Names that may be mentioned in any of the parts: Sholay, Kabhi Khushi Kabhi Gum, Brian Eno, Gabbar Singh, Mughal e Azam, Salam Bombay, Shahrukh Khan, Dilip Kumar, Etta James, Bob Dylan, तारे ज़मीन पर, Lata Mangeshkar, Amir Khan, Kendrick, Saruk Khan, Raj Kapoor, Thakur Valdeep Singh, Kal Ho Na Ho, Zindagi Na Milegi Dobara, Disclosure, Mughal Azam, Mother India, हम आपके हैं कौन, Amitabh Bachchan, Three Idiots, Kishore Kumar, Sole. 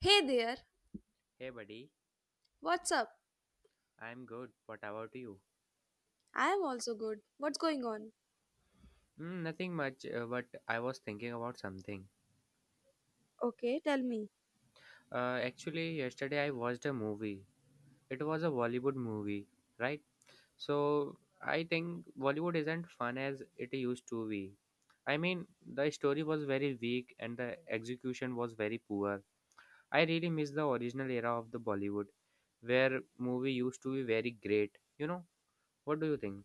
Hey there, Hey, buddy, what's up? I'm good. What about you? I am also good. What's going on? Nothing much, but I was thinking about something. Okay, tell me. Actually, yesterday I watched a movie. It was a Bollywood movie, right? So I think Bollywood isn't fun as it used to be. I mean, the story was very weak and the execution was very poor. I really miss the original era of the Bollywood, where movie used to be very great. What do you think?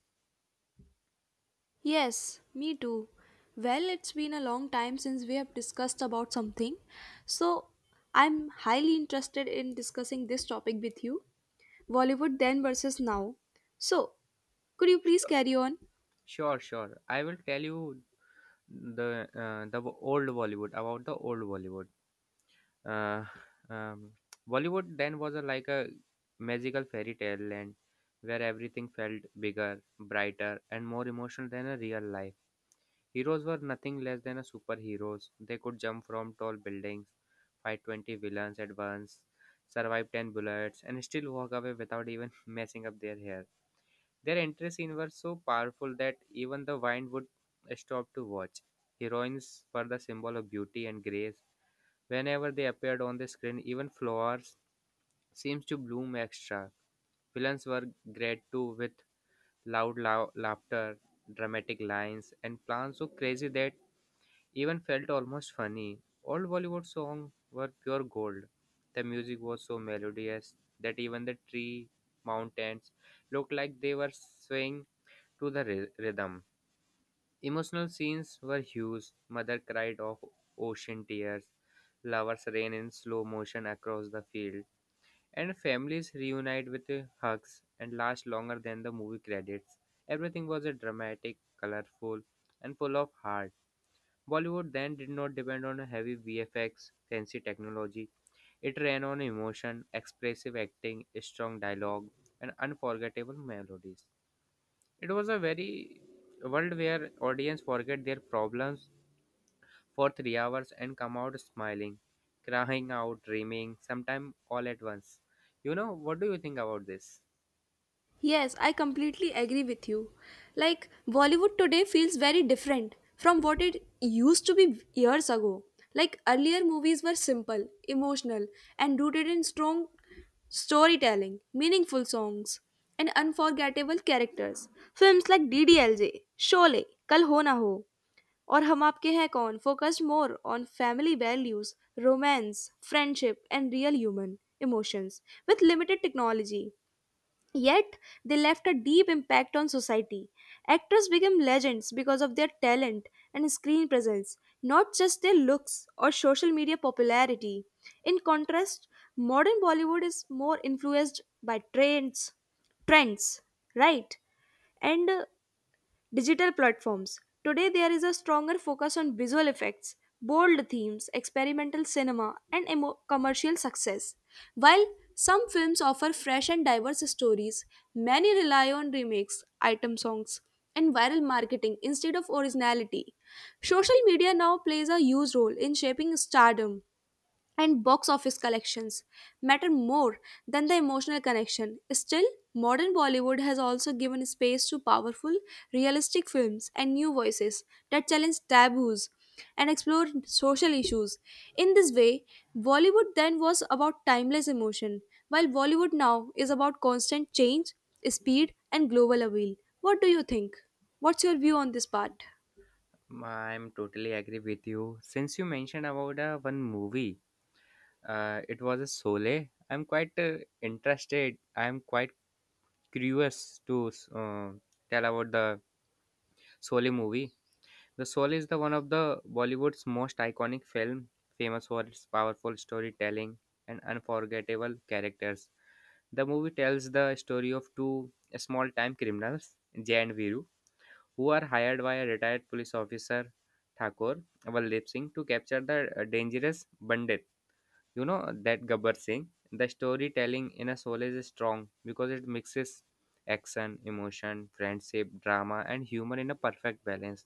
Yes, me too. Well, it's been a long time since we have discussed about something. So, I'm highly interested in discussing this topic with you. Bollywood then versus now. So, could you please Sure, carry on? sure. sure. I will tell you the old Bollywood about the old Bollywood. Uh, um, Bollywood then was like a magical fairy tale land where everything felt bigger, brighter, and more emotional than a real life. Heroes were nothing less than a superheroes. They could jump from tall buildings, fight 20 villains at once, survive 10 bullets, and still walk away without even messing up their hair. Their entry scene were so powerful that even the wine would stop to watch. Heroines were the symbol of beauty and grace. Whenever they appeared on the screen, even flowers seems to bloom extra. Villains were great too with loud laughter, dramatic lines, and plans so crazy that even felt almost funny. All Bollywood songs were pure gold. The music was so melodious that even the tree mountains looked like they were swaying to the rhythm. Emotional scenes were huge. Mother cried of ocean tears, lovers ran in slow motion across the field, and families reunite with hugs and last longer than the movie credits. Everything was a dramatic, colorful, and full of heart. Bollywood then did not depend on heavy VFX, fancy technology. It ran on emotion, expressive acting, strong dialogue, and unforgettable melodies. It was a very world where audience forget their problems for 3 hours and come out smiling, crying out, dreaming, sometimes all at once. What do you think about this? Yes, I completely agree with you. Like, Bollywood today feels very different from what it used to be years ago. Like, earlier movies were simple, emotional, and rooted in strong storytelling, meaningful songs, and unforgettable characters. Films like DDLJ, Sholay, Kal Ho Na Ho, और हम आपके हैं कौन focused more on family values, romance, friendship, and real human emotions with limited technology. Yet, they left a deep impact on society. Actors became legends because of their talent and screen presence, not just their looks or social media popularity. In contrast, modern Bollywood is more influenced by trends, right? And digital platforms. Today, there is a stronger focus on visual effects, bold themes, experimental cinema, and commercial success. While some films offer fresh and diverse stories, many rely on remakes, item songs, and viral marketing instead of originality. Social media now plays a huge role in shaping stardom, and box office collections matter more than the emotional connection. Still, modern Bollywood has also given space to powerful, realistic films and new voices that challenge taboos and explore social issues. In this way, Bollywood then was about timeless emotion, while Bollywood now is about constant change, speed, and global appeal. What do you think? What's your view on this part? I'm totally agree with you. Since you mentioned about one movie, it was a Sole. I'm quite interested. I'm quite curious to tell about the Sole movie. The Sole is the one of the Bollywood's most iconic film, famous for its powerful storytelling and unforgettable characters. The movie tells the story of two small-time criminals, Jay and Viru, who are hired by a retired police officer, Thakur Valdeep Singh, to capture the dangerous bandit. You know that Gabbar Singh. The storytelling in a soul is strong because it mixes action, emotion, friendship, drama, and humor in a perfect balance.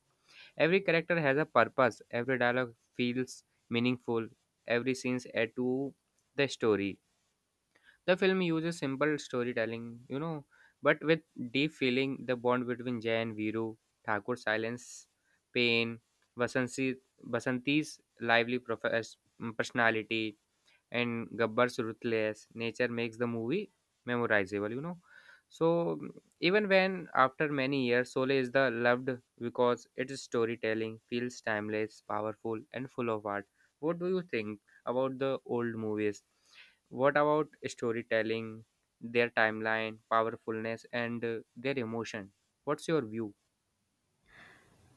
Every character has a purpose. Every dialogue feels meaningful. Every scenes add to the story. The film uses simple storytelling, but with deep feeling. The bond between Jay and Viru, Thakur's silence, pain, Vasanti, Vasanti's lively personality, and Gabbar's ruthless nature makes the movie memorizable, So even when after many years, Sole is the loved because its storytelling feels timeless, powerful, and full of art. What do you think about the old movies? What about storytelling, their timeline, powerfulness, and their emotion? What's your view?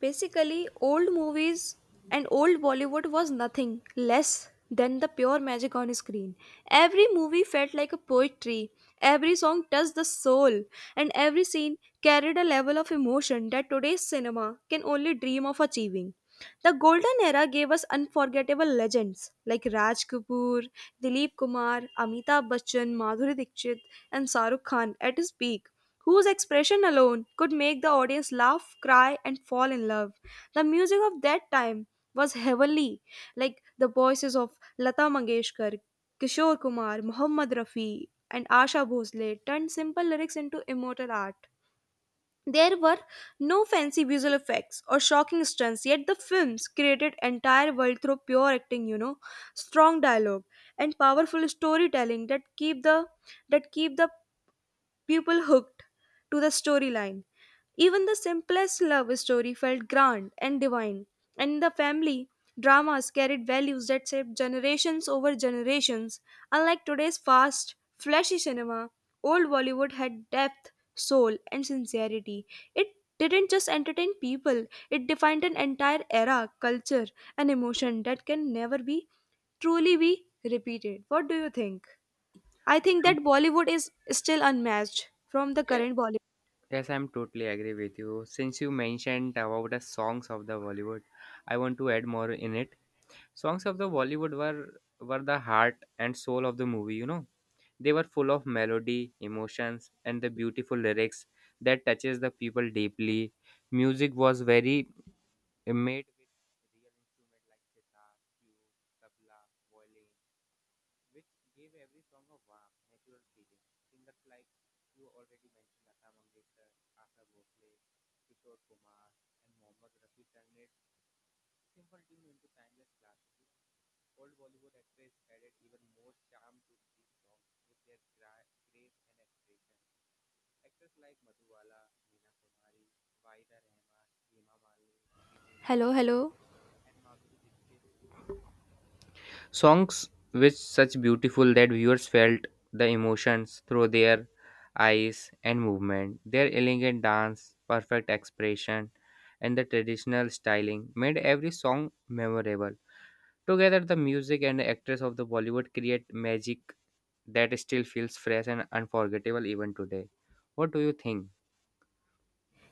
Basically, old movies and old Bollywood was nothing less than the pure magic on screen. Every movie felt like a poetry, every song touched the soul, and every scene carried a level of emotion that today's cinema can only dream of achieving. The golden era gave us unforgettable legends like Raj Kapoor, Dilip Kumar, Amitabh Bachchan, Madhuri Dixit, and Saruk Khan at his peak, whose expression alone could make the audience laugh, cry, and fall in love. The music of that time was heavenly, like the voices of Lata Mangeshkar, Kishore Kumar, Mohammad Rafi, and Asha Bhosle turned simple lyrics into immortal art. There were no fancy visual effects or shocking stunts, yet the films created entire world through pure acting, you know, strong dialogue and powerful storytelling that keep the people hooked to the storyline. Even the simplest love story felt grand and divine, and the family dramas carried values that shaped generations over generations. Unlike today's fast, flashy cinema, old Bollywood had depth, soul, and sincerity. It didn't just entertain people, it defined an entire era, culture, and emotion that can never be truly be repeated. What do you think? I think Um, that Bollywood is still unmatched from the yes, current Bollywood. yes, I'm totally agree with you. Since you mentioned about the songs of the Bollywood, I want to add more in it. Songs of the Bollywood were the heart and soul of the movie. They were full of melody, emotions, and the beautiful lyrics that touches the people deeply. Music was very made. Hello, hello. Songs which such beautiful that viewers felt the emotions through their eyes and movement. Their elegant dance, perfect expression, and the traditional styling made every song memorable. Together, the music and the actors of the Bollywood create magic that still feels fresh and unforgettable even today. What do you think?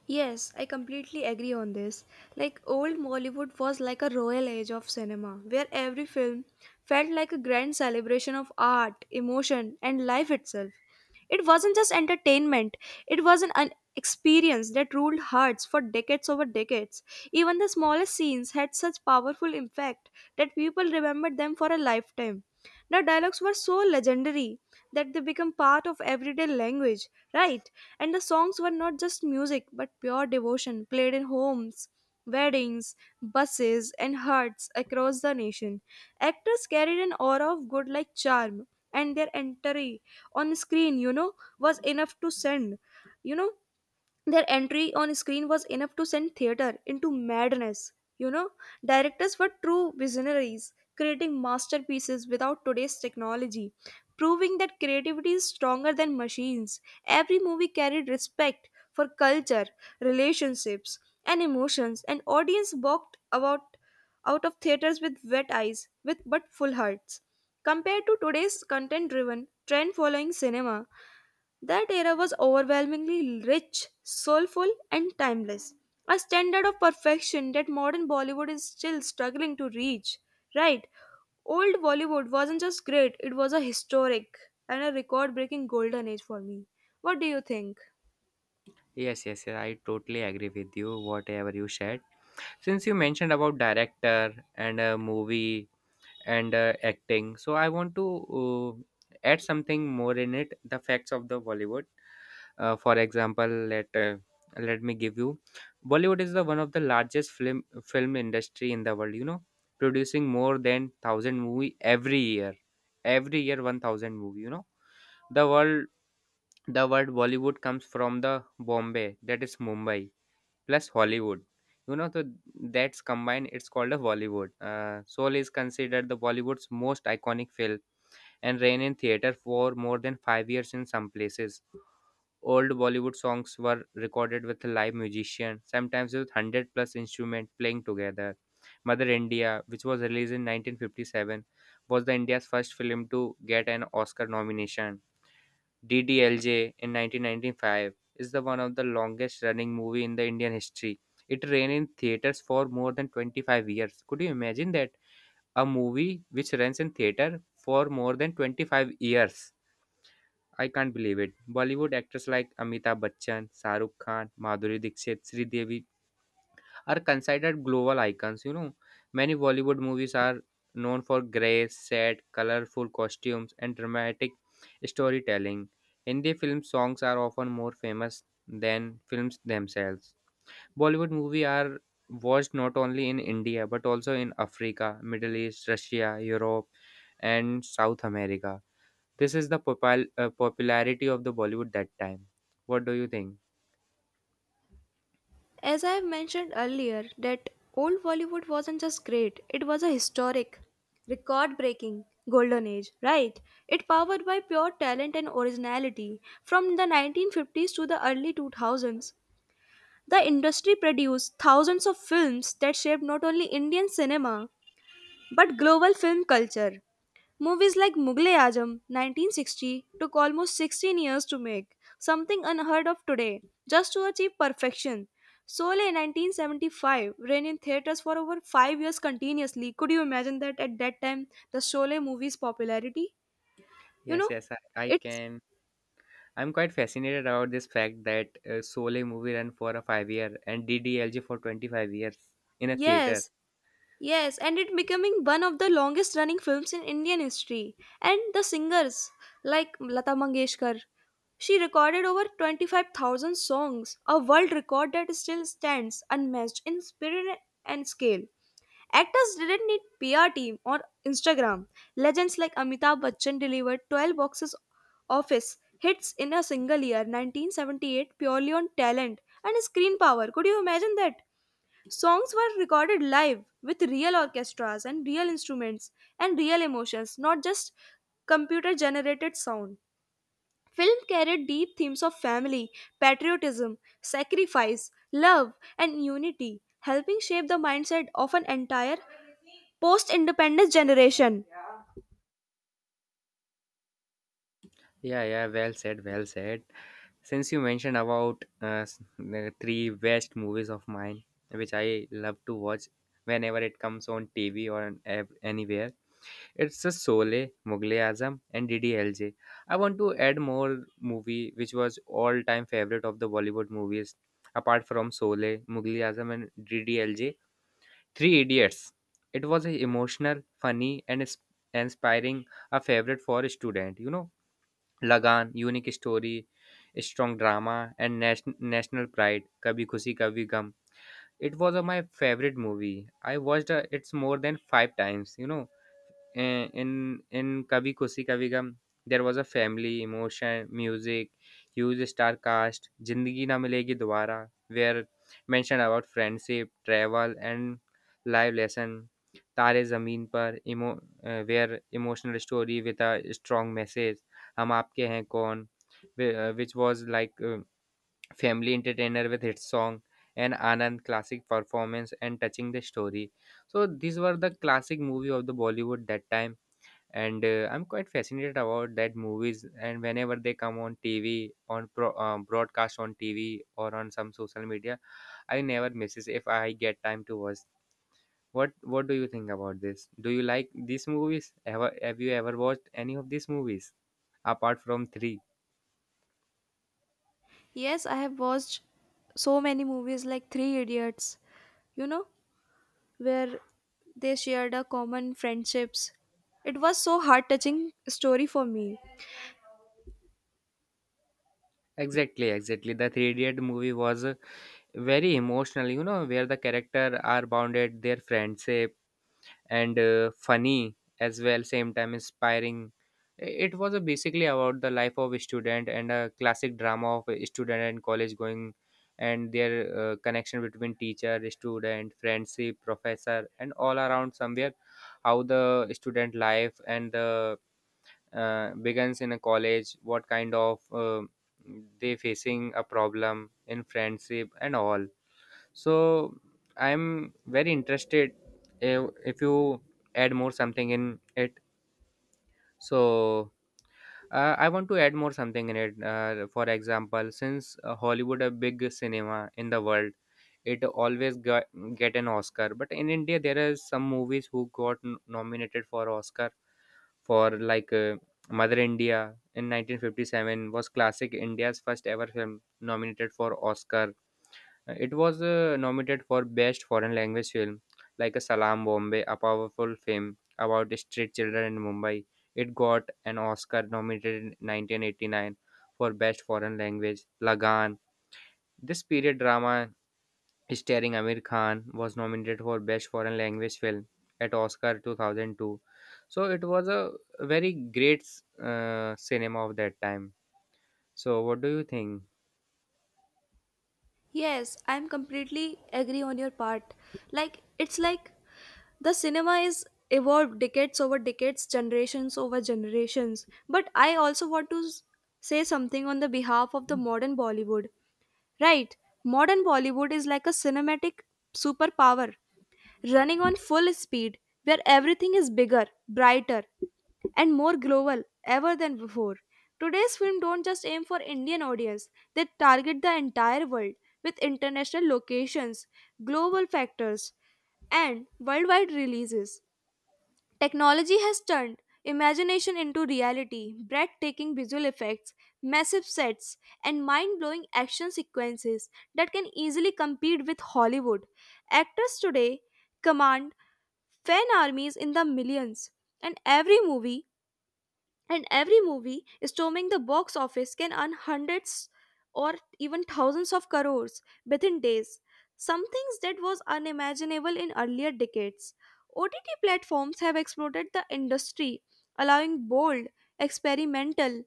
Yes, I completely agree on this. Like old Bollywood was like a royal age of cinema where every film felt like a grand celebration of art, emotion and life itself. It wasn't just entertainment, it was an experience that ruled hearts for decades over decades. Even the smallest scenes had such powerful impact that people remembered them for a lifetime. The dialogues were so legendary that they become part of everyday language, right? And the songs were not just music but pure devotion played in homes, weddings, buses, and hearts across the nation. Actors carried an aura of good like charm, and their entry on screen, you know, was enough to send, you know, their entry on screen was enough to send theater into madness. You know, directors were true visionaries, creating masterpieces without today's technology, proving that creativity is stronger than machines. Every movie carried respect for culture, relationships, and emotions, and audience walked about out of theaters with wet eyes, with but full hearts. Compared to today's content-driven, trend-following cinema, that era was overwhelmingly rich, soulful, and timeless, a standard of perfection that modern Bollywood is still struggling to reach. Right, old Bollywood wasn't just great, it was a historic and a record breaking golden age for me. What do you think? Yes, yes, yes, I totally agree with you. Whatever you said, since you mentioned about director and a movie and acting. So I want to add something more in it. The facts of the Bollywood. For example, let me give you. Bollywood is the one of the largest film industry in the world. You know, producing more than 1,000 movie every year. Every year, 1,000 movie. You know, the world the word Bollywood comes from the Bombay, that is Mumbai plus Hollywood. You know, so that's combined, it's called a Bollywood. Soul is considered the Bollywood's most iconic film and ran in theater for more than 5 years in some places. Old Bollywood songs were recorded with a live musician, sometimes with 100 plus instrument playing together. Mother India, which was released in 1957, was the India's first film to get an Oscar nomination. DDLJ in 1995 is the one of the longest running movie in the Indian history. It ran in theaters for more than 25 years. Could you imagine that a movie which runs in theater for more than 25 years? I can't believe it. Bollywood actors like Amitabh Bachchan, Shahrukh Khan, Madhuri Dixit, Sridevi are considered global icons. You know, many Bollywood movies are known for grace, sad, colorful costumes, and dramatic storytelling. Hindi film songs are often more famous than films themselves. Bollywood movies are watched not only in India but also in Africa, Middle East, Russia, Europe, and South America. This is the popularity of the Bollywood that time. What do you think? As I have mentioned earlier, that old Bollywood wasn't just great, it was a historic, record breaking golden age, right? It powered by pure talent and originality. From the 1950s to the early 2000s, the industry produced thousands of films that shaped not only Indian cinema but global film culture. Movies like Mughal e Azam 1960 took almost 16 years to make, something unheard of today, just to achieve perfection. Sole 1975 ran in theaters for over 5 years continuously. Could you imagine that at that time the Sole movie's popularity? You Yes, know, yes, I it's can. I'm quite fascinated about this fact that Sole movie ran for a 5 year and DDLJ for 25 years in a theater. yes, Yes, and it becoming one of the longest running films in Indian history. And the singers like Lata Mangeshkar, she recorded over 25,000 songs, a world record that still stands unmatched in spirit and scale. Actors didn't need PR team or Instagram. Legends like Amitabh Bachchan delivered 12 boxes office hits in a single year, 1978, purely on talent and screen power. Could you imagine that? Songs were recorded live with real orchestras and real instruments and real emotions, not just computer generated sound. Film carried deep themes of family, patriotism, sacrifice, love, and unity, helping shape the mindset of an entire post independence generation. Yeah, yeah, well said, well said. Since you mentioned about the three best movies of mine, which I love to watch whenever it comes on TV or on anywhere, it's a Sole, Mughal Azam, and DDLJ. I want to add more movie which was all time favorite of the Bollywood movies apart from Sole, Mughal Azam, and DDLJ: Three Idiots. It was a emotional, funny, and inspiring. A favorite for a student. You know, Lagan, unique story, strong drama, and national pride. Kabhi Khushi Kabhi Gum. It was my favorite movie. I watched it more than 5 times. You know, in Kabhi खुशी Kabhi Gum, there was a family, emotion, music, huge star cast. Zindagi Na Milegi Dobara, where mentioned about friendship, travel, and life lesson. तारे ज़मीन पर emo where emotional story with a strong message. हम आपके हैं कौन which was like family entertainer with hit song. And Anand, classic performance and touching the story. So these were the classic movie of the Bollywood that time. And I'm quite fascinated about that movies, and whenever they come on TV on broadcast on TV or on some social media, I never misses if I get time to watch. What do you think about this? Do you like these movies ever? Have you ever watched any of these movies apart from three? Yes, I have watched so many movies like Three Idiots, you know, where they shared a common friendships. It was so heart touching story for me. Exactly, exactly, the Three Idiot movie was very emotional. You know, where the character are bounded their friendship and funny as well same time inspiring. It was a basically about the life of a student and a classic drama of a student and college going, and their connection between teacher, student, friendship, professor, and all around somewhere, how the student life and the begins in a college, what kind of they facing a problem in friendship and all. So I'm very interested, if you add more something in it. So I want to add more something in it. For example, since Hollywood a big cinema in the world, it always get an Oscar. But in India, there are some movies who got nominated for Oscar for like Mother India in 1957 was classic India's first ever film nominated for Oscar. It was nominated for Best Foreign Language Film, like a Salam Bombay, a powerful film about the street children in Mumbai. It got an Oscar nominated in 1989 for Best Foreign Language. Lagan, this period drama starring Amir Khan was nominated for Best Foreign Language Film at Oscar 2002. So it was a very great cinema of that time. So what do you think? Yes, I'm completely agree on your part. Like it's like the cinema is evolved decades over decades, generations over generations. But I also want to say something on the behalf of the modern Bollywood. Right, modern Bollywood is like a cinematic superpower, running on full speed, where everything is bigger, brighter, and more global ever than before. Today's film don't just aim for Indian audience, they target the entire world with international locations, global factors, and worldwide releases. Technology has turned imagination into reality. Breathtaking visual effects, massive sets, and mind blowing action sequences that can easily compete with Hollywood. Actors today command fan armies in the millions, and every movie storming the box office can earn hundreds or even thousands of crores within days, some things that was unimaginable in earlier decades. OTT platforms have exploded the industry, allowing bold experimental